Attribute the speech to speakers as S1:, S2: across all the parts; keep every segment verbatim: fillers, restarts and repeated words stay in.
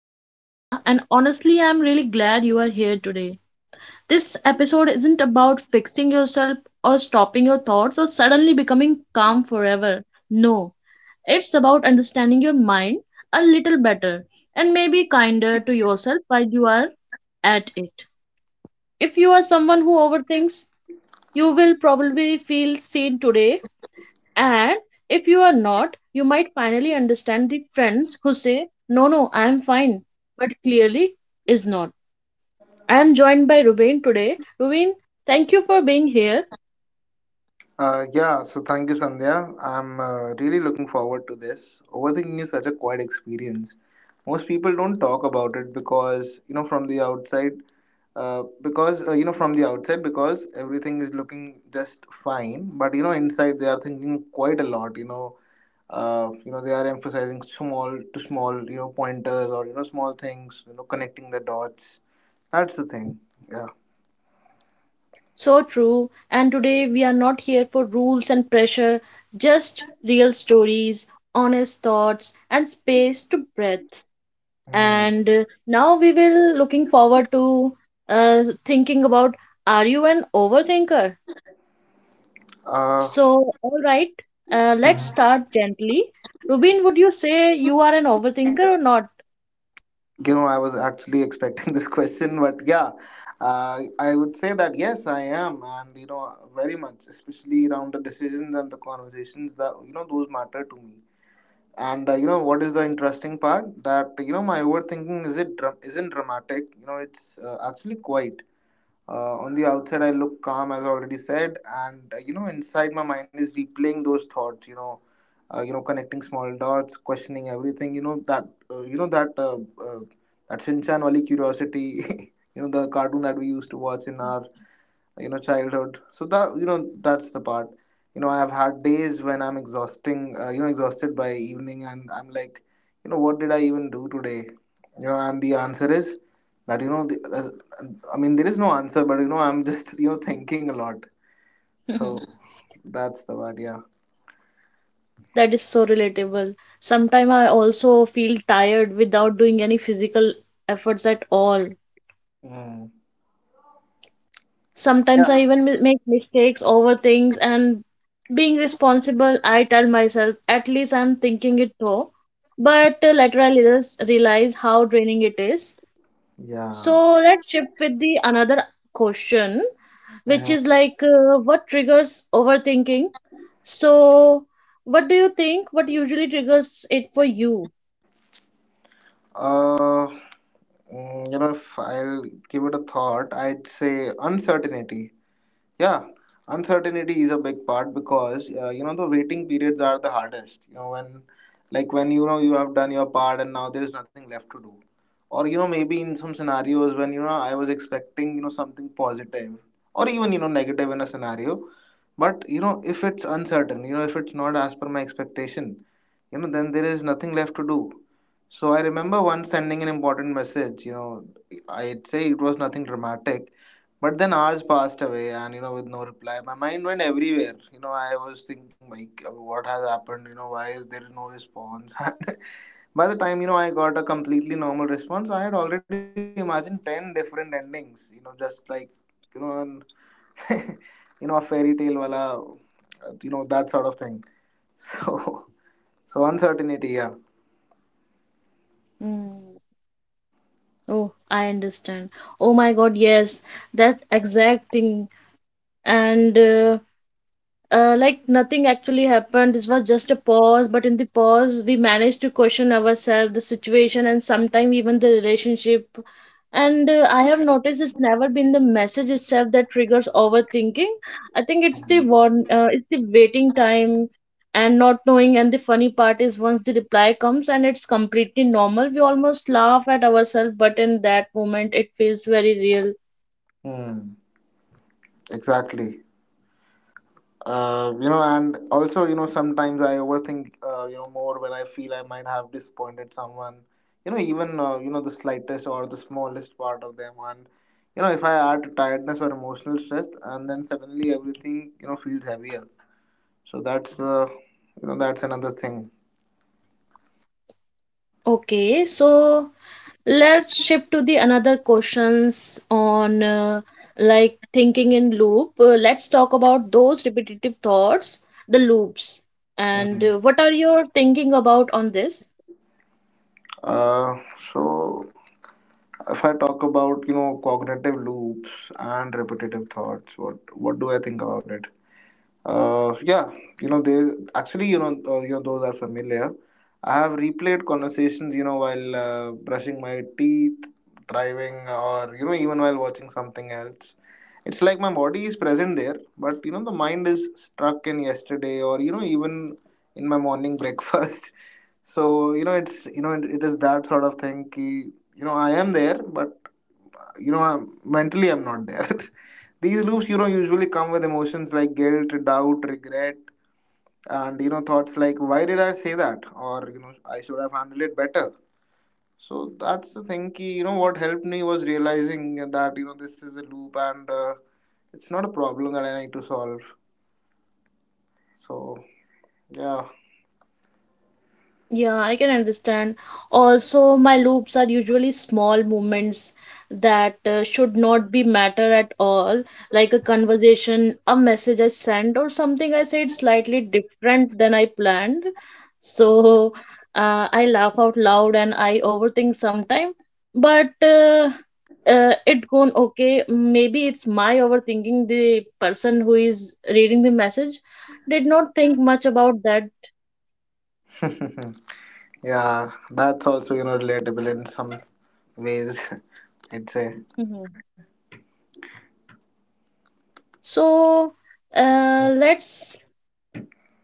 S1: I am Sandhya, and honestly, I'm really glad you are here today. This episode isn't about fixing yourself or stopping your thoughts or suddenly becoming calm forever. No, it's about understanding your mind a little better and maybe kinder to yourself while you are at it. If you are someone who overthinks, you will probably feel seen today and if you are not, you might finally understand the friends who say, no, no, I am fine, but clearly is not. I am joined by Ruben today. Ruben, thank you for being here.
S2: Uh, yeah, so thank you, Sandhya. I'm uh, really looking forward to this. Overthinking is such a quiet experience. Most people don't talk about it, because, you know, from the outside, uh, because, uh, you know, from the outside, because everything is looking just fine. But, you know, inside they are thinking quite a lot, you know. Uh, you know, they are emphasizing small to small, you know, pointers or, you know, small things, you know, connecting the dots. That's the thing. Yeah.
S1: So true. And today we are not here for rules and pressure, just real stories, honest thoughts, and space to breathe.
S2: Hmm.
S1: And uh, Now we will looking forward to uh, thinking about, are you an overthinker?
S2: Uh,
S1: So, all right, uh, let's start gently. Rubin, would you say you are an overthinker or not?
S2: You know, I was actually expecting this question, but yeah, uh, I would say that yes, I am, and you know, very much, especially around the decisions and the conversations that you know those matter to me. And uh, you know, what is the interesting part, that you know my overthinking is it dra- isn't dramatic. You know, it's uh, actually quiet. Uh, on the outside, I look calm, as I already said, and uh, you know, inside my mind is replaying those thoughts. You know, uh, you know, connecting small dots, questioning everything. You know that, uh, you know that, uh, uh, That Shinchan wali curiosity. You know, the cartoon that we used to watch in our you know childhood, so that you know that's the part. you know I have had days when I'm exhausting uh, you know exhausted by evening, and I'm like, you know what did I even do today? You know and the answer is that you know the, uh, I mean, there is no answer, but you know I'm just you know thinking a lot. So that's the part, yeah.
S1: That is so relatable. Sometimes I also feel tired without doing any physical efforts at all.
S2: Mm.
S1: Sometimes
S2: Yeah,
S1: I even mi- make mistakes, over things, and being responsible, I tell myself at least I'm thinking it through. But uh, later I realize realize how draining it is.
S2: yeah.
S1: So let's shift with the another question, which
S2: Mhm.
S1: is like uh, what triggers overthinking. So, what do you think? What usually triggers it for you?
S2: uh mm, you know if I'll give it a thought, I'd say uncertainty. Yeah, uncertainty is a big part, because uh, you know the waiting periods are the hardest. You know when, like when you know you have done your part and now there's nothing left to do, or you know maybe in some scenarios when you know I was expecting you know something positive, or even you know negative in a scenario, but you know if it's uncertain, you know if it's not as per my expectation, you know then there is nothing left to do. So I remember once sending an important message. You know I'd say it was nothing dramatic, but then hours passed away, and you know, with no reply, my mind went everywhere. You know, I was thinking, like, uh, what has happened? You know, why is there no response? And by the time, you know, I got a completely normal response, I had already imagined ten different endings, you know, just like, you know, an, you know, a fairy tale, wala, you know, that sort of thing. So, so uncertainty, yeah.
S1: Mm. Oh, I understand. Oh my God, yes, that exact thing. And uh, Uh, like nothing actually happened. This was just a pause, but in the pause, we managed to question ourselves, the situation, and sometimes even the relationship. And uh, I have noticed it's never been the message itself that triggers overthinking. I think it's the one, uh, it's the waiting time and not knowing. And the funny part is, once the reply comes and it's completely normal, we almost laugh at ourselves. But in that moment, it feels very real.
S2: Hmm. Exactly. Uh, you know and also you know sometimes I overthink uh, you know more when I feel I might have disappointed someone, you know even uh, you know the slightest or the smallest part of them, and you know if I add tiredness or emotional stress, and then suddenly everything you know feels heavier. So that's uh, you know that's another thing.
S1: Okay, so let's shift to the another questions on uh, like thinking in loop. Uh, let's talk about those repetitive thoughts, the loops, and uh,
S2: Mhm.
S1: what are your thinking about on this?
S2: uh, so if I talk about you know cognitive loops and repetitive thoughts, what what do I think about it? Uh, yeah, you know, they actually, you know, uh, you know, those are familiar. I have replayed conversations, you know, while uh, brushing my teeth, driving, or you know, even while watching something else. It's like my body is present there, but you know, the mind is stuck in yesterday, or you know, even in my morning breakfast. So you know, it's you know, it, it is that sort of thing. Ki, you know, I am there, but you know, I'm, mentally I'm not there. These loops, you know, usually come with emotions like guilt, doubt, regret, and you know, thoughts like, why did I say that? Or, you know, I should have handled it better. So that's the thing. Ki, you know, what helped me was realizing that, you know, this is a loop, and uh, it's not a problem that I need to solve. So, yeah.
S1: Yeah, I can understand. Also, my loops are usually small movements that uh, should not be matter at all, like a conversation, a message I sent, or something I said slightly different than I planned. So uh, I laugh out loud and I overthink sometimes, but uh, uh, it gone okay. Maybe it's my overthinking. The person who is reading the message did not think much about that.
S2: Yeah, that's also, you know, relatable in some ways, I'd say.
S1: So uh, let's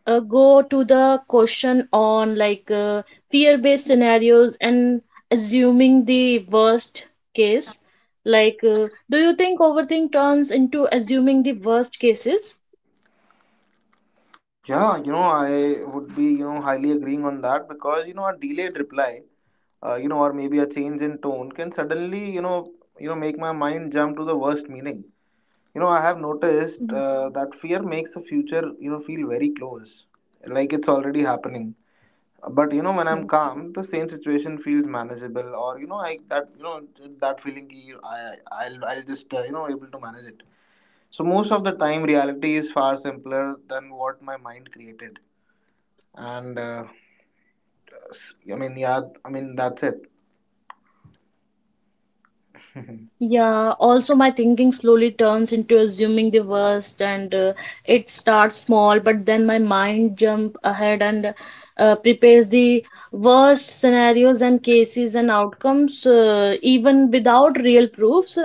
S1: uh, go to the question on like uh, fear-based scenarios and assuming the worst case. Like, uh, do you think overthink turns into assuming the worst cases?
S2: Yeah, you know, I would be, you know, highly agreeing on that, because, you know, a delayed reply, uh, you know, or maybe a change in tone can suddenly, you know, you know, make my mind jump to the worst meaning. You know, I have noticed
S1: Mhm.
S2: uh, that fear makes the future, you know, feel very close, like it's already happening. But you know, when I'm calm, the same situation feels manageable, or you know, I that you know that feeling, ki I I'll I'll just uh, you know able to manage it. So most of the time, reality is far simpler than what my mind created, and uh, s- I mean, yeah, I mean that's it.
S1: Yeah, also my thinking slowly turns into assuming the worst and uh, it starts small, but then my mind jump ahead and uh, prepares the worst scenarios and cases and outcomes uh, even without real proofs.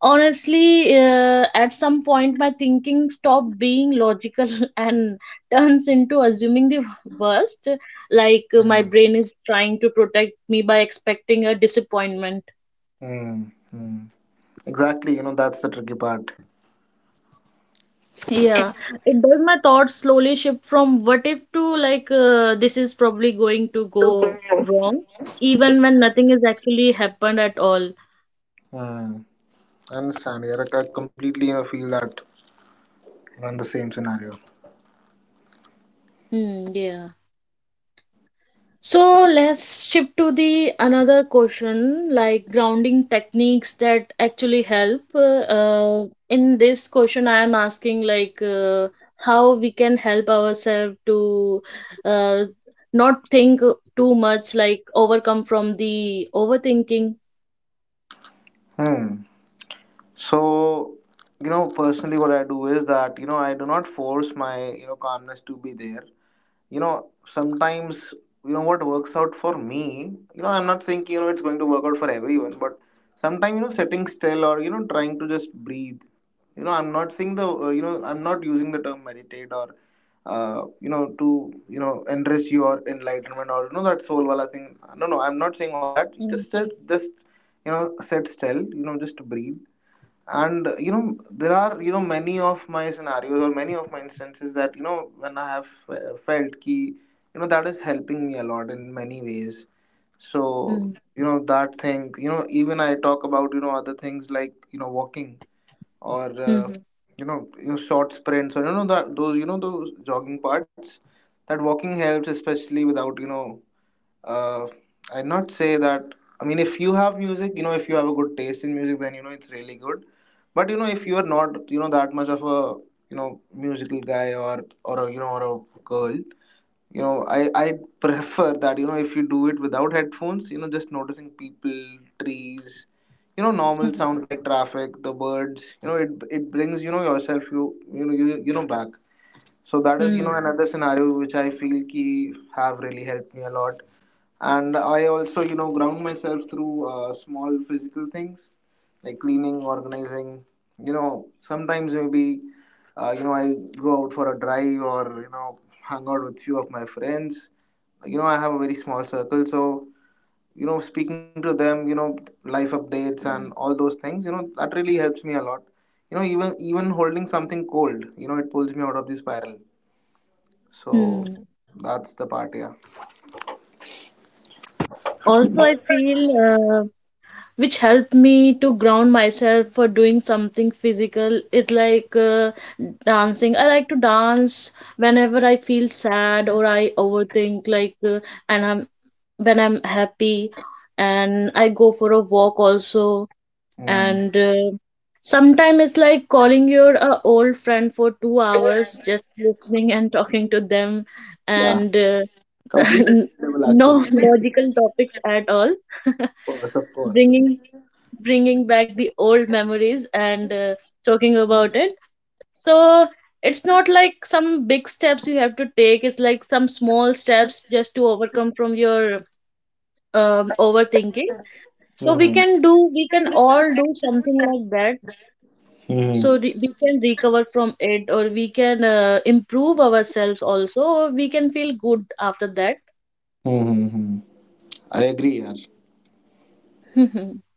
S1: Honestly, uh, at some point my thinking stop being logical and turns into assuming the worst, like uh, my
S2: Hmm.
S1: brain is trying to protect me by expecting a disappointment.
S2: Hmm. Hmm. Exactly, you know, that's the tricky part.
S1: Yeah, it does my thoughts slowly shift from what if to like, uh, this is probably going to go wrong, even when nothing has actually happened at all.
S2: Hmm. I understand, yeah. Like, I completely, you know, feel that you're in the same scenario.
S1: Hmm, yeah. So let's shift to the another question like grounding techniques that actually help. Uh, uh, in this question, I am asking like uh, how we can help ourselves to uh, not think too much, like overcome from the overthinking.
S2: Hmm. So, you know, personally, what I do is that, you know, I do not force my, you know, calmness to be there. you know Sometimes you know what works out for me, you know I'm not saying you know it's going to work out for everyone, but sometimes you know sitting still, or you know trying to just breathe. you know i'm not saying the uh, you know I'm not using the term meditate or uh, you know to you know enrich you, or enlightenment, or you know that soul wala thing. No, no, I'm not saying all that. You just sit, just you know sit still, you know just breathe. And you know there are you know many of my scenarios, or many of my instances, that you know when I have uh, felt ki you know that is helping me a lot in many ways. So
S1: Mm.
S2: you know that thing, you know even I talk about you know other things like you know walking or uh,
S1: Mhm.
S2: you know you know short sprints, or you know that those you know those jogging parts. That walking helps, especially without you know uh, I'd not say that. I mean, if you have music, you know, if you have a good taste in music, then you know it's really good. But you know, if you are not, you know, that much of a you know musical guy, or or a, you know or a girl, you know, I I prefer that you know if you do it without headphones, you know, just noticing people, trees, you know, normal
S1: Mhm.
S2: sounds like traffic, the birds, you know, it it brings you know yourself you you know you, you know back. So that is you know
S1: Mm.
S2: another scenario which I feel ki have really helped me a lot. And I also you know ground myself through uh, small physical things, like cleaning, organizing. You know sometimes maybe uh, you know I go out for a drive, or you know hang out with few of my friends. Like, you know I have a very small circle, so you know speaking to them, you know life updates and all those things, you know that really helps me a lot. you know even even holding something cold, you know it pulls me out of the spiral. So
S1: Mm.
S2: that's the part, yeah.
S1: Also, I feel uh, which helped me to ground myself for doing something physical is like uh, dancing. I like to dance whenever I feel sad or I overthink, like, uh, and I'm when I'm happy, and I go for a walk also.
S2: Mm.
S1: And uh, sometimes it's like calling your uh, old friend for two hours, just listening and talking to them,
S2: Yeah.
S1: and. Uh,
S2: Completely level
S1: no
S2: actually. Of
S1: logical topics at all.
S2: course, of course.
S1: bringing bringing back the old memories and uh, talking about it. So it's not like some big steps you have to take, it's like some small steps just to overcome from your um, overthinking, so we
S2: Hmm.
S1: can do we can all do something like that.
S2: Hmm.
S1: So
S2: Hmm.
S1: re- we can recover from it or we can uh, improve ourselves also or we can feel good after
S2: Hmm. I agree, yeah.
S1: that.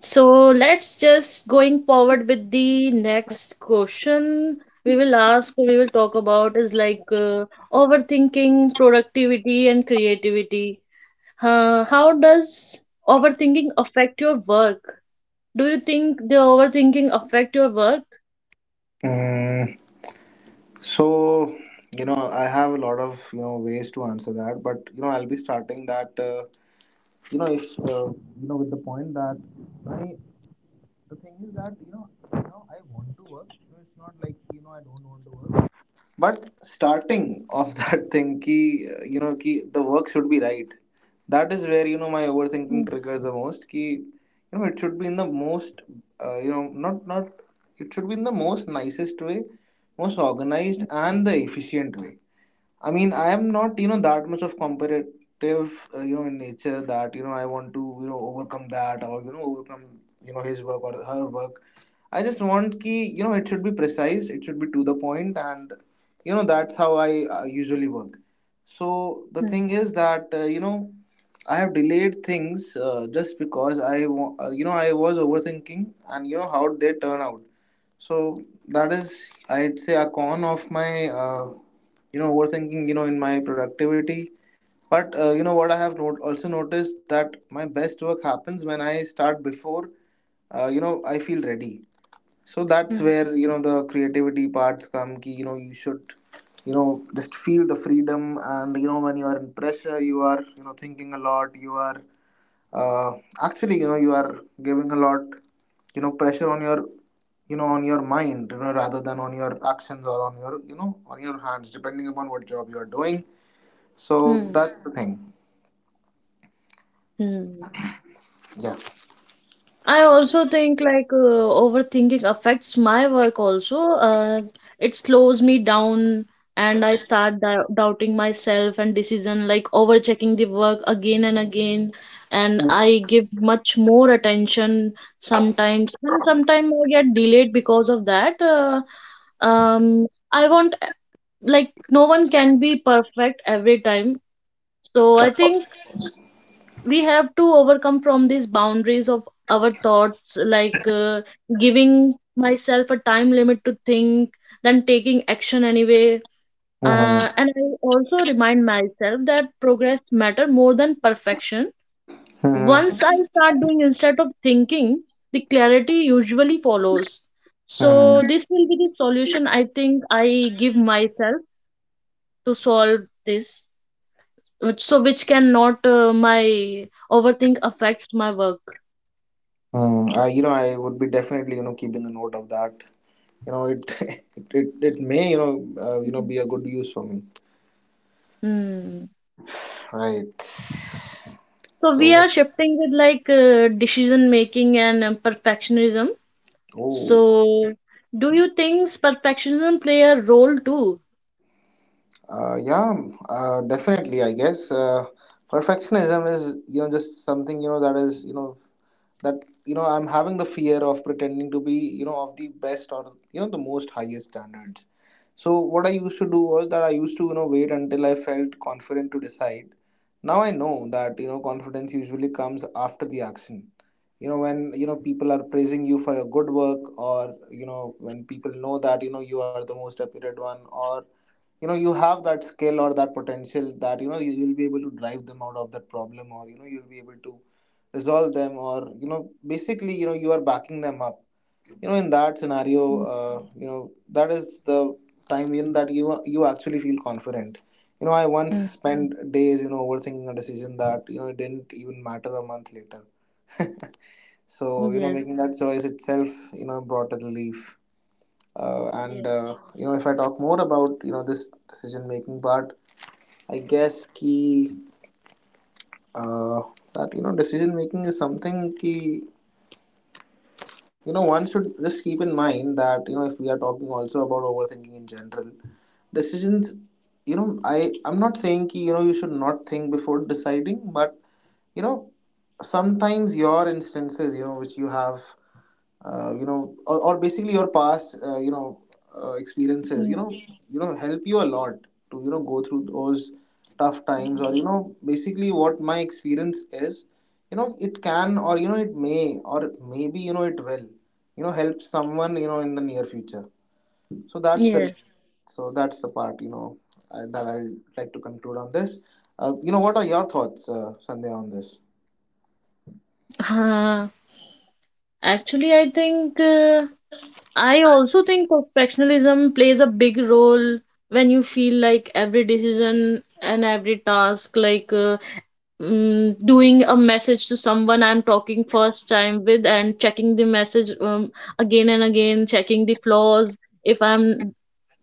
S1: So let's just going forward with the next question. We will ask we will talk about is like uh, overthinking, productivity and creativity. Uh, how does overthinking affect your work? Do you think the overthinking affect your work?
S2: Mm, so you know, I have a lot of you know ways to answer that, but you know, I'll be starting that uh, you know if uh, you know with the point that I the thing is that you know right now I want to work. So it's not like you know I don't want to work. But starting of that thing, ki uh, you know, ki the work should be right. That is where you know my overthinking triggers the most. Ki you know it should be in the most uh, you know not not it should be in the most nicest way, most organized and the efficient way. I mean, I am not, you know, that much of competitive, uh, you know, in nature, that, you know, I want to, you know, overcome that, or, you know, overcome, you know, his work or her work. I just want ki, you know, it should be precise, it should be to the point, and, you know, that's how I uh, usually work. So the
S1: Mhm.
S2: thing is that, uh, you know, I have delayed things uh, just because I, wa- uh, you know, I was overthinking, and, you know, how they turn out, so that is, I'd say, a con of my, uh, you know, overthinking, you know, in my productivity. But uh, you know what I have not- also noticed that my best work happens when I start before, uh, you know, I feel ready. So that's
S1: Hmm.
S2: where you know the creativity parts come. Ki, you know, you should, you know, just feel the freedom, and, you know, when you are in pressure, you are, you know, thinking a lot. You are uh, actually, you know you are giving a lot you know pressure on your, you know on your mind, you know rather than on your actions or on your, you know on your hands, depending upon what job you are doing. So
S1: Hmm.
S2: that's the thing.
S1: Hmm.
S2: Yeah.
S1: I also think like uh, overthinking affects my work also. Uh, it slows me down and I start dou- doubting myself and decision, like overchecking the work again and again. And
S2: Mm-hmm.
S1: I give much more attention sometimes, and sometimes I get delayed because of that. Uh, um, I want, like, no one can be perfect every time. So I think we have to overcome from these boundaries of our thoughts, like uh, giving myself a time limit to think, then taking action anyway.
S2: Mm-hmm.
S1: Uh, and I also remind myself that progress matter more than perfection. Once I start doing instead of thinking, the clarity usually follows. So
S2: Mm-hmm.
S1: this will be the solution I think I give myself to solve this, which- so which cannot uh, my overthink affects my work.
S2: Mm, I, you know, I would be definitely, you know, keeping a note of that. You know, it it, it, it may, you know, uh, you know,
S1: Mhm.
S2: be a good use for me.
S1: Hmm.
S2: Right.
S1: So
S2: So
S1: we are
S2: what's,
S1: shifting with like uh, decision making and um, perfectionism.
S2: oh.
S1: So do you think perfectionism play a role too?
S2: Uh, yeah, uh, definitely. I guess uh, perfectionism is, you know just something, you know that is, you know that, you know I'm having the fear of pretending to be, you know of the best or, you know the most highest standards. So what I used to do was that I used to, you know wait until I felt confident to decide. Now I know that, you know confidence usually comes after the action. You know when, you know people are praising you for your good work, or, you know when people know that, you know you are the most appeared one, or, you know you have that skill or that potential that, you know you will be able to drive them out of that problem, or, you know you'll be able to resolve them, or, you know basically, you know you are backing them up, you know in that scenario.
S1: Mm.
S2: uh, you know that is the time in that you you actually feel confident. You know i once
S1: Hmm.
S2: spent days, you know overthinking a decision that, you know it didn't even matter a month later. So, you know
S1: Yes,
S2: making that choice itself, you know brought a relief. uh, and
S1: yes,
S2: uh, you know if I talk more about, you know this decision making part, I guess ki, uh, that, you know decision making is something ki, you know one should just keep in mind that, you know if we are talking also about overthinking in general decisions, you know I I'm not saying ki, you know you should not think before deciding, but, you know sometimes your instances, you know which you have, uh, you know or, or basically your past, uh, you know uh, experiences, you
S1: mm,
S2: know you know help you a lot to, you know go through those tough times, or, you know basically what my experience is, you know it can, or, you know it may, or maybe, you know it will, you know help someone, you know in the near future. so that's the
S1: yes.
S2: so that's the part, you know I, that i like to conclude on this. uh, you know what are your thoughts, uh, Sandhya, on this?
S1: Uh, Actually, I think uh, I also think perfectionism plays a big role when you feel like every decision and every task like, uh, mm, doing a message to someone I'm talking first time with and checking the message um, again and again, checking the flaws if I'm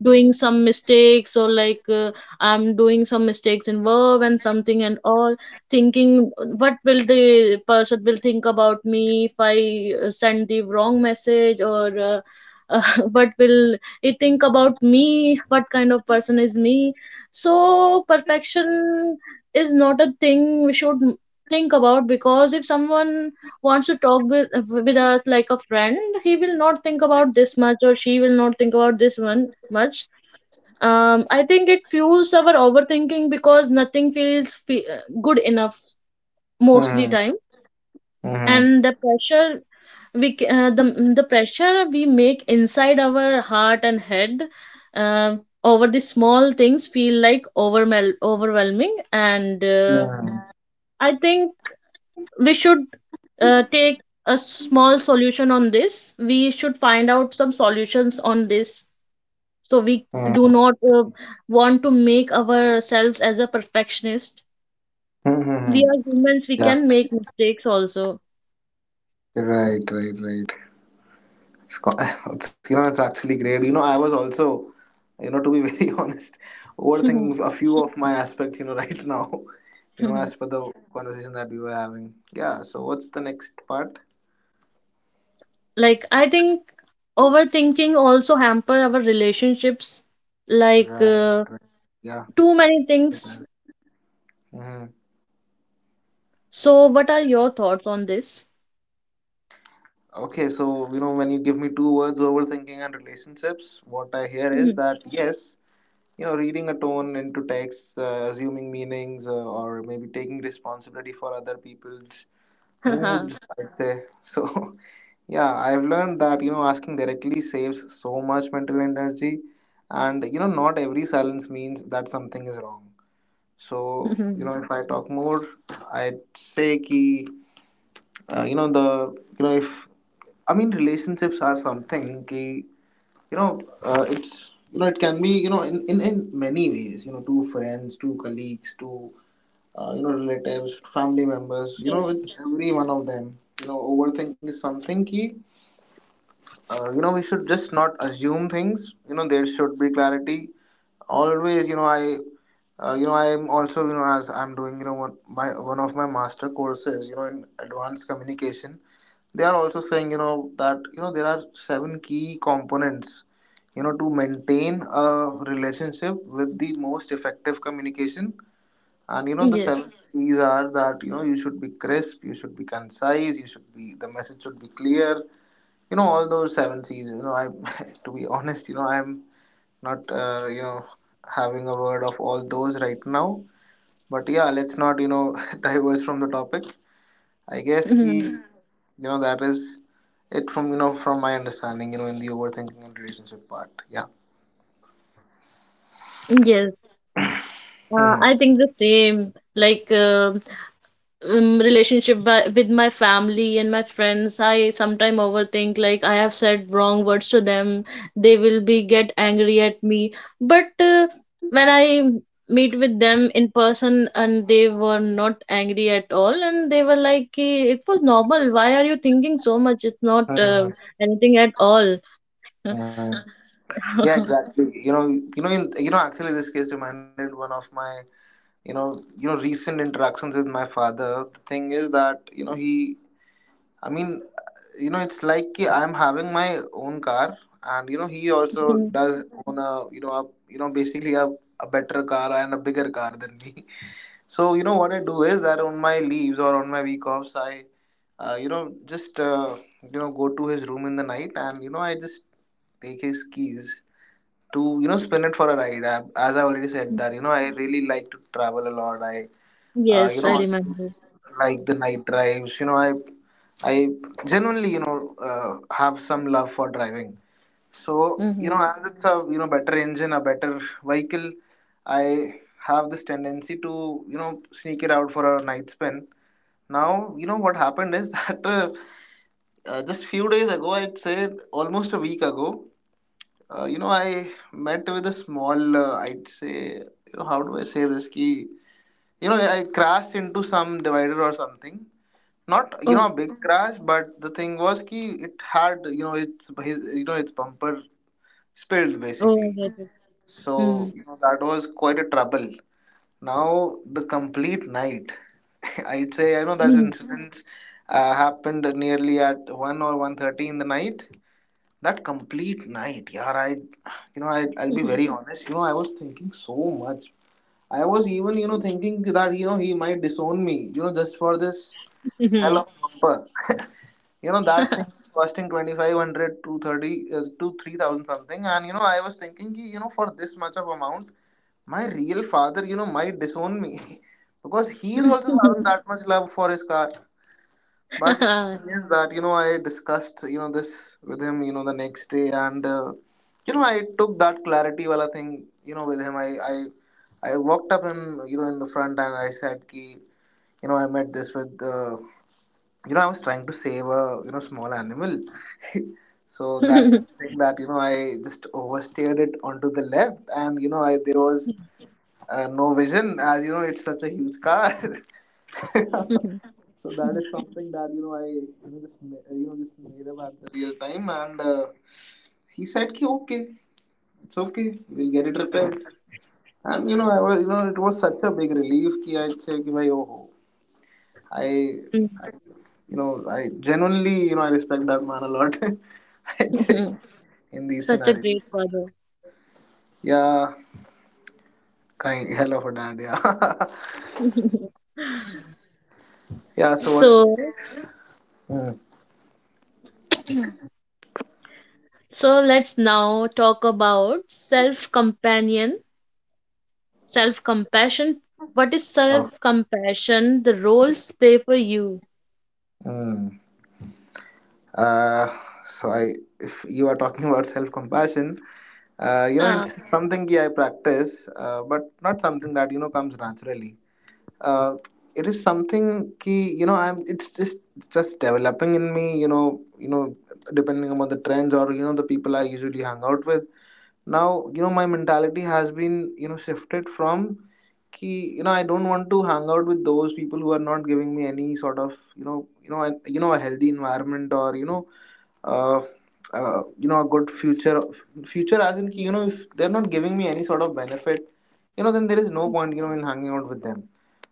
S1: doing some mistakes or like uh, I'm doing some mistakes in verb and something and all, thinking uh, what will the person will think about me if I uh, send the wrong message or. Uh, uh, what will he think about me, what kind of person is me. So perfection is not a thing we should m- think about, because if someone wants to talk with, with us like a friend, he will not think about this much or she will not think about this one much. um, I think it fuels our overthinking because nothing feels fe- uh, good enough mostly
S2: Mm-hmm.
S1: time.
S2: Mm-hmm.
S1: And the pressure we c- uh, the, the pressure we make inside our heart and head uh, over the small things feel like overwhel- overwhelming, and uh,
S2: Mm-hmm.
S1: I think we should uh, take a small solution on this, we should find out some solutions on this, so we do not uh, want to make ourselves as a perfectionist. We are
S2: Mm-hmm.
S1: humans, we can
S2: Yeah.
S1: make mistakes also.
S2: Right, right, right. It's, co- it's, you know, it's actually great. You know, I was also, you know, to be very honest, overthinking a few of my aspects, you know, right now. you know, as per the conversation that we were having. Yeah, so what's the next part?
S1: Like I think overthinking also hamper our relationships, like
S2: Right,
S1: uh,
S2: right. Yeah.
S1: too many things.
S2: Mm-hmm.
S1: So what are your thoughts on this?
S2: Okay, so, you know, when you give me two words, overthinking and relationships, what I hear is that, yes, you know, reading a tone into text, uh, assuming meanings, uh, or maybe taking responsibility for other people's moods, I'd say. So yeah, I've learned that, you know asking directly saves so much mental energy, and, you know not every silence means that something is wrong. So, you know if I talk more, I'd say ki, uh, you know the, you know if i mean relationships are something ki, you know uh, it's, you know it can be, you know in, in in many ways, you know two friends, two colleagues, two, uh, you know, relatives, family members, you know,
S1: Yes,
S2: with every one of them. You know, overthinking is something key. Uh, you know, we should just not assume things. You know, there should be clarity. Always, you know, I, uh, you know, I'm also, you know, as I'm doing, you know, one, my one of my master courses, you know, in advanced communication. They are also saying, you know, that, you know there are seven key components, you know, to maintain a relationship with the most effective communication. And, you know, the
S1: yes.
S2: seven C's are that, you know you should be crisp, you should be concise, you should be, the message should be clear. You know, all those seven C's. You know, I to be honest, you know, I'm not, uh, you know having a word of all those right now. But yeah, let's not, you know diverge from the topic. I guess ki, you know that is it, from, you know from my understanding. You know, in the overthinking and relationship part. Yeah.
S1: Yes. Uh, I think the same, like uh, um, relationship wi- with my family and my friends. I sometime overthink, like I have said wrong words to them, they will be get angry at me. But uh, when I meet with them in person, and they were not angry at all, and they were like, "Ki, it was normal. Why are you thinking so much? It's not
S2: Mhm.
S1: uh,
S2: Mhm.
S1: anything at all."
S2: Mhm. Yeah, exactly. You know, you know, in, you know, actually, this case reminded one of my, you know you know recent interactions with my father. The thing is that, you know he, i mean you know it's like ki I'm having my own car, and, you know he also
S1: Mhm.
S2: does own a, you know a, you know basically a, a better car and a bigger car than me. So, you know what I do is that on my leaves or on my week offs I, uh, you know just uh, you know go to his room in the night, and, you know I just take his keys to, you know spin it for a ride. I, as I already said that, you know I really like to travel a lot. i uh, you
S1: Yes, I
S2: know I
S1: remember.
S2: like the night drives. You know i i genuinely, you know uh, have some love for driving. So, you
S1: Hmm.
S2: know as it's a, you know better engine, a better vehicle, I have this tendency to, you know sneak it out for a night spin. Now, you know what happened is that, uh, uh, just few days ago, I'd say, almost a week ago, uh, you know I met with a small, uh, I'd say, you know how do I say this, key you know I crashed into some divider or something, not, you know
S1: Oh,
S2: a big crash, but the thing was ki, it had, you know its his you know its bumper spilled,
S1: oh, I
S2: basically.
S1: get it. Hmm.
S2: So, you know, that was quite a trouble. Now the complete night, I'd say, I know that
S1: Mhm.
S2: incident, uh, happened nearly at one or one thirty in the night. That complete night, yeah, i you know I, i'll be
S1: Mhm.
S2: very honest, you know I was thinking so much. I was even, you know thinking that, you know he might disown me, you know just for this hello bumper. You know that thing is costing twenty five hundred to thirty uh, to three thousand something, and, you know I was thinking कि, you know for this much of amount, my real father, you know might disown me. Because he is also having that much love for his car. But the thing is that, you know I discussed, you know this with him, you know the next day, and, uh, you know I took that clarity wala thing, you know with him. I i I walked up him, you know in the front, and I said ki, you know I met this with, uh, you know I was trying to save a, you know small animal. So that thing, that, you know I just oversteered it onto the left, and, you know I, there was, uh, no vision, as, you know it's such a huge car. So that is something that, you know I you know just ma- you know just made up at the real time. And, uh, he said ki, okay, it's okay, we'll get it repaired. And, you know I was, you know it was such a big relief, ki I said ki, bhai, oh, I.
S1: Mhm.
S2: You know, I genuinely, you know, I respect that man a lot in these
S1: Such a
S2: scenarios.
S1: great father.
S2: Yeah, kind hell of a dad. Yeah, yeah. So what's,
S1: So,
S2: mm.
S1: so let's now talk about self-companion, self-compassion. What is
S2: Oh.
S1: self-compassion? The roles play for you.
S2: Mm. Uh, so I, if you are talking about self-compassion, uh, you know,
S1: Huh.
S2: it's something, yeah, I practice, uh, but not something that, you know comes naturally. Uh, it is something ki, you know I'm. It's just just developing in me. You know, you know, depending upon the trends or you know the people I usually hang out with now. You know my mentality has been you know shifted from ki you know I don't want to hang out with those people who are not giving me any sort of you know you know an, you know a healthy environment, or you know uh, uh, you know a good future. Future as in ki, you know if they're not giving me any sort of benefit, you know then there is no point you know in hanging out with them.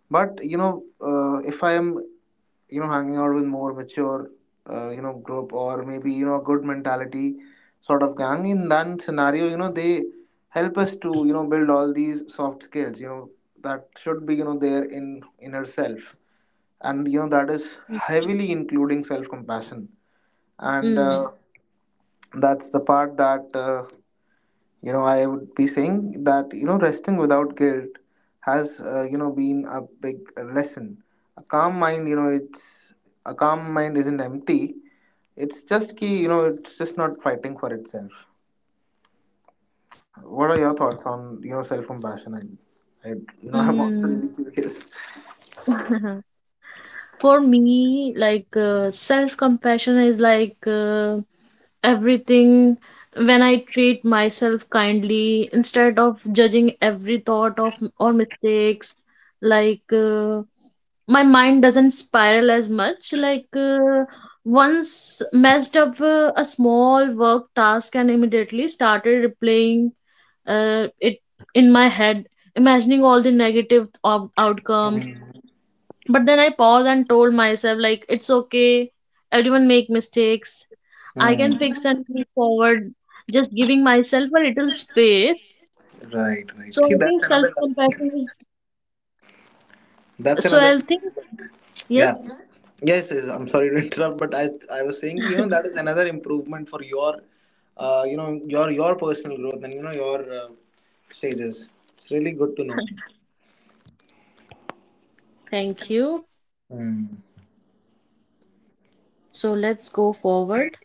S2: But you know, uh, if I am you know hanging out with more mature, uh, you know group, or maybe you know a good mentality sort of gang, in that scenario, you know they help us to you know build all these soft skills. You know that should be you know there in inner self, and you know that is heavily including self compassion, and
S1: Mm.
S2: uh, that's the part that. Uh, You know I would be saying that you know resting without guilt has uh, you know been a big lesson. A calm mind, you know it's a calm mind isn't empty, it's just key you know it's just not fighting for itself. What are your thoughts on you know self compassion? And I, I- you know I'm also
S1: Mm.
S2: really curious.
S1: For me, like uh, self compassion is like uh, everything. When I treat myself kindly instead of judging every thought of or mistakes, like uh, my mind doesn't spiral as much. Like uh, once messed up uh, a small work task and immediately started replaying uh, it in my head, imagining all the negative out- outcomes,
S2: Hmm.
S1: but then I paused and told myself, like, it's okay. Everyone make mistakes. I
S2: Hmm.
S1: can fix and move forward. Just giving myself a little space.
S2: Right,
S1: So
S2: right see
S1: I
S2: that's
S1: think self
S2: another
S1: compassion
S2: that's
S1: is. So
S2: another
S1: I think Yes.
S2: Yeah. Yes, yes, I'm sorry to interrupt, but I I was saying, you know, that is another improvement for your, uh, you know, your your personal growth, and you know your uh, stages. It's really good to know.
S1: Thank you.
S2: Hmm.
S1: So let's go forward.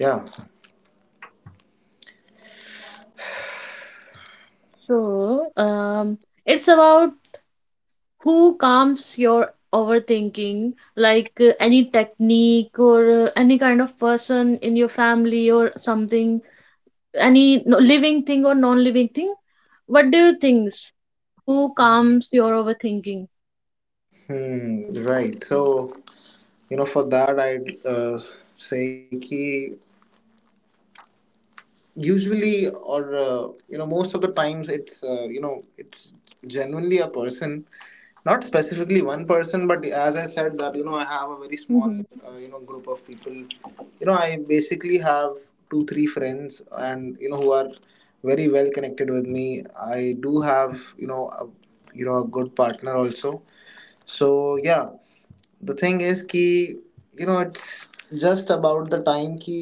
S2: Yeah.
S1: So um, it's about who calms your overthinking, like uh, any technique or uh, any kind of person in your family or something, any no- living thing or non-living thing. What do you think? Who calms your overthinking?
S2: Hmm. Right. So, you know, for that, I'd uh, say key usually, or uh, you know most of the times it's uh, you know it's genuinely a person. Not specifically one person, but as I said that you know I have a very small,
S1: Hmm.
S2: uh, you know group of people. You know I basically have two three friends, and you know who are very well connected with me. I do have you know a, you know a good partner also. So yeah, the thing is ki you know it's just about the time ki.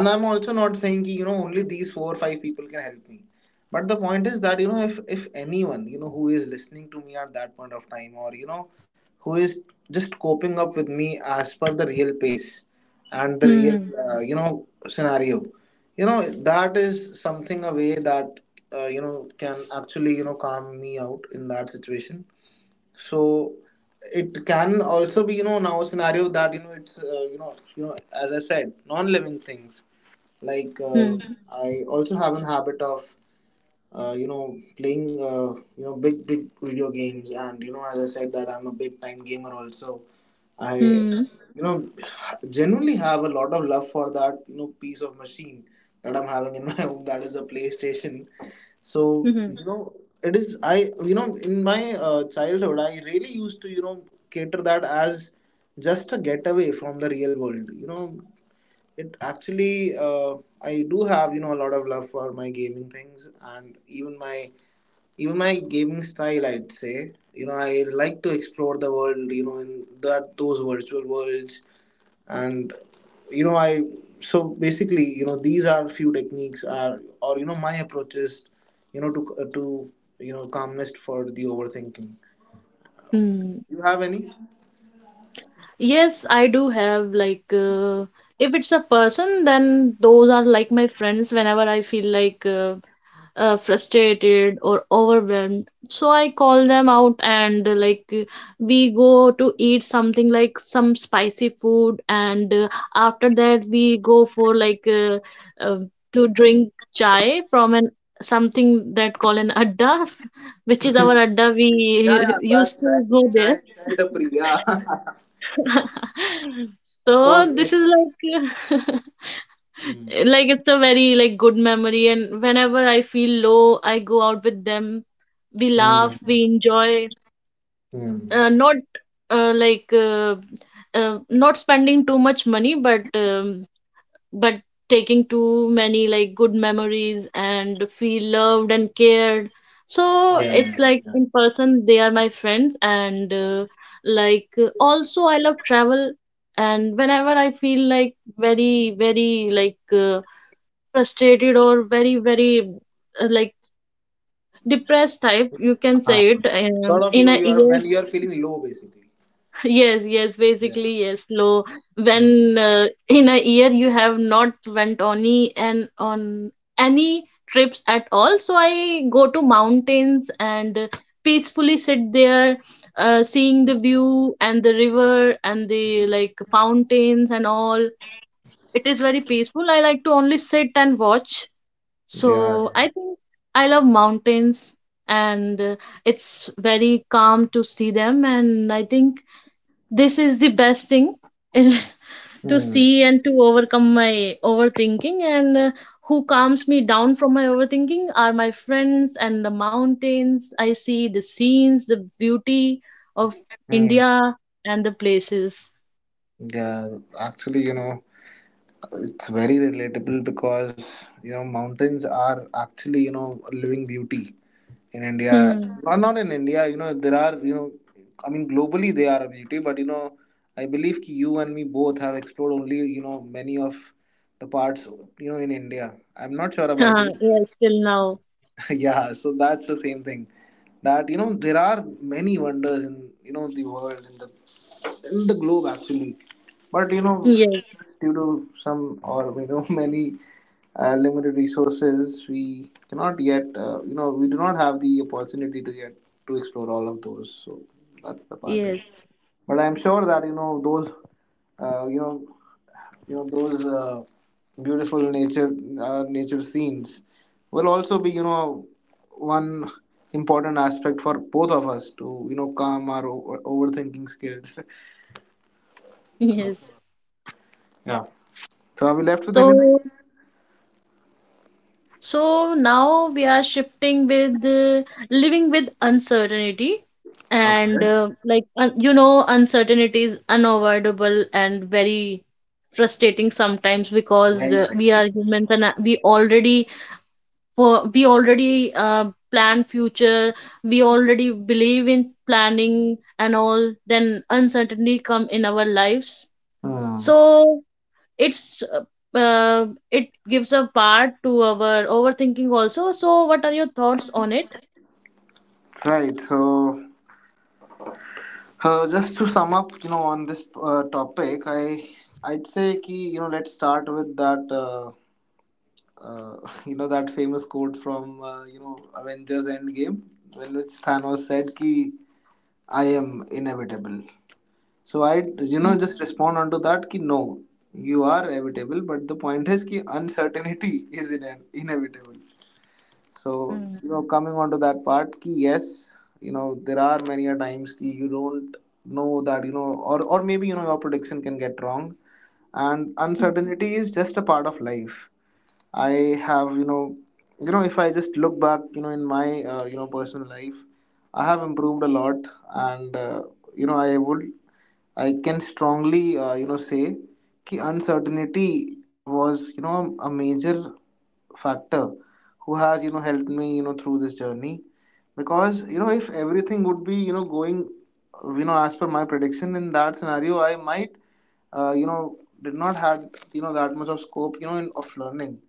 S2: And I'm also not saying कि, you know only these four or five people can help me, but the point is that you know if if anyone you know who is listening to me at that point of time, or you know who is just coping up with me as per the real pace and the real
S1: Hmm.
S2: uh, you know scenario, you know that is something a way that uh, you know can actually you know calm me out in that situation. So it can also be you know now a scenario that you know it's uh, you know you know as I said, non living things, like uh,
S1: Hmm.
S2: I also have an habit of uh, you know playing uh, you know big big video games, and you know as I said that I'm a big time gamer also. I
S1: Hmm.
S2: you know genuinely have a lot of love for that you know piece of machine that I'm having in my home, that is a playstation. So
S1: Hmm.
S2: you know it is I you know in my uh, childhood I really used to you know cater that as just a getaway from the real world. You know it actually, uh, I do have you know a lot of love for my gaming things, and even my even my gaming style. I'd say you know I like to explore the world. You know in that those virtual worlds. And you know I so basically you know these are few techniques are, or you know my approaches, you know to uh, to you know calmness for the overthinking.
S1: Hmm.
S2: You have any?
S1: Yes, I do have, like uh, if it's a person, then those are like my friends. Whenever I feel like uh, uh, frustrated or overwhelmed, so I call them out, and uh, like uh, we go to eat something like some spicy food, and uh, after that we go for like uh, uh, to drink chai from an something that call an adda which is
S2: Yeah,
S1: our adda we
S2: yeah, that
S1: used to
S2: chai,
S1: go there.
S2: chai, chai tapri, yeah. Of course,
S1: So
S2: yeah,
S1: this
S2: of
S1: is
S2: course.
S1: like,
S2: Mm.
S1: like it's a very like good memory, and whenever I feel low I go out with them, we
S2: Mm.
S1: laugh, we enjoy,
S2: Hmm.
S1: uh, not uh, like uh, uh, not spending too much money, but um, but taking too many like good memories and feel loved and cared. So it's
S2: Yeah.
S1: like
S2: Yeah.
S1: in person they are my friends, and uh, like uh, also I love travel, and whenever I feel like very very like uh, frustrated or very very uh, like depressed type, you can
S2: Uh,
S1: say it um,
S2: Sort of, you
S1: in
S2: know,
S1: a
S2: you are
S1: year.
S2: when you are feeling low, basically.
S1: Yes, yes,
S2: Yeah.
S1: basically yes. Low,
S2: Hmm.
S1: when uh, in a year you have not went on any and on any trips at all. So I go to mountains and uh, peacefully sit there, uh, seeing the view and the river and the like fountains and all. It is very peaceful. I like to only sit and watch. So
S2: Yeah.
S1: I think I love mountains, and uh, it's very calm to see them. And I think this is the best thing is to
S2: Hmm.
S1: see and to overcome my overthinking. And uh, who calms me down from my overthinking are my friends and the mountains. I see the scenes, the beauty of
S2: Hmm.
S1: India and the places.
S2: Yeah. Actually, you know, it's very relatable, because you know mountains are actually you know a living beauty in India.
S1: Hmm.
S2: Not not in India, you know, there are you know, I mean, globally they are a beauty, but you know, I believe ki you and me both have explored only you know many of the parts you know in India. I'm not sure about you.
S1: Yes, till now.
S2: Yeah, so that's the same thing, that you know there are many wonders in you know the world, in the in the globe actually. But you know
S1: Yes,
S2: due to some or you know many uh, limited resources we cannot yet uh, you know we do not have the opportunity to yet to explore all of those. So that's the part, yeah.
S1: yes,
S2: But I'm sure that you know those uh, you know you know those uh, beautiful nature uh, nature scenes will also be you know one important aspect for both of us to you know calm our over- overthinking skills.
S1: yes.
S2: Yeah, so are we left with anything?
S1: So, so now we are shifting with uh, living with uncertainty, and uh, like un you know, uncertainty is unavoidable and very frustrating sometimes because uh, we are humans and uh, we already for we already uh, plan future, we already believe in planning and all. Then uncertainty come in our lives.
S2: Hmm.
S1: So it's uh, uh, it gives a part to our overthinking also. So, what are your thoughts on it?
S2: Right. So, uh, just to sum up, you know, on this uh, topic, I I'd say ki, you know let's start with that uh, uh, you know that famous quote from uh, you know Avengers Endgame, when which Thanos said ki I am inevitable. So I, you know,
S1: Mm,
S2: just respond onto that कि no, you are evitable. But the point is कि uncertainty is ine- inevitable. So
S1: mm,
S2: you know, coming onto that part कि yes, you know, there are many a times कि you don't know that you know, or or maybe you know your prediction can get wrong, and
S1: mm.
S2: uncertainty is just a part of life. I have, you know, you know, if I just look back, you know, in my, uh, you know, personal life, I have improved a lot, and uh, you know, I would, I can strongly, uh, you know, say कि uncertainty was, you know, a major factor who has, you know, helped me, you know, through this journey, because you know, if everything would be, you know, going, uh, you know, as per my prediction, in that scenario, I might, uh, you know, did not had, you know, that much of scope, you know, in, of learning.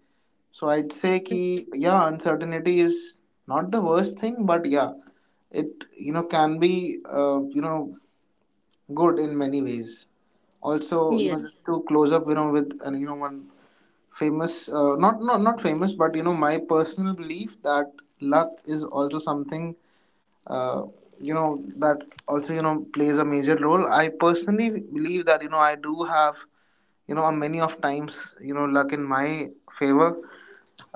S2: So I'd say ki yeah, uncertainty is not the worst thing, but yeah, it you know can be uh, you know good in many ways. Also, you
S1: Yeah.
S2: know, just to close up, you know, with uh, you know one famous uh, not not not famous, but you know my personal belief that luck is also something uh, you know that also you know plays a major role. I personally believe that you know I do have you know many of times you know luck in my favor,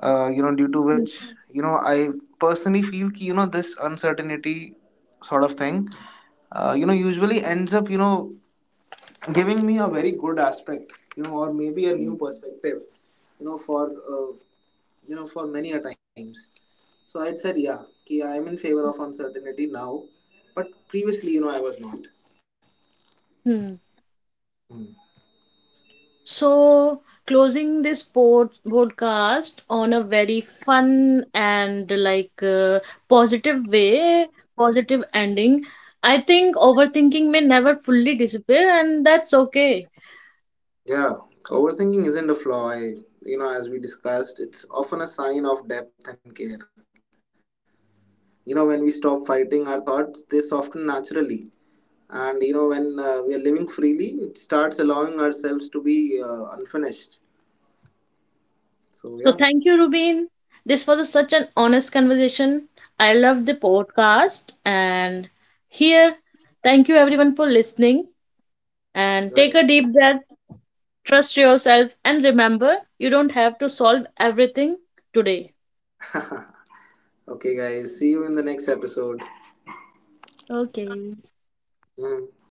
S2: uh, you know due to which
S1: Mm,
S2: you know I personally feel ki, you know this uncertainty sort of thing uh, you know usually ends up you know giving me a very good aspect, you know, or maybe a new
S1: mm.
S2: perspective, you know for uh, you know for many a times. So I'd said yeah ki I am in favor of uncertainty now, but previously you know I was not.
S1: Hmm.
S2: Hmm.
S1: So, closing this pod podcast on a very fun and like uh, positive way, positive ending. I think overthinking may never fully disappear, and that's okay.
S2: Yeah, overthinking isn't a flaw. I you know as we discussed it's often a sign of depth and care. You know when we stop fighting our thoughts they soften naturally, and you know when uh, we are living freely, it starts allowing ourselves to be uh, unfinished.
S1: So
S2: So
S1: thank
S2: yeah,
S1: you, Rubin. This was a- such an honest conversation. I love the podcast. And here, thank you everyone for listening. And take a
S2: right,
S1: deep breath, trust yourself, and remember you don't have to solve everything today.
S2: right. Okay guys, see you in the next episode.
S1: Okay.
S2: Mm.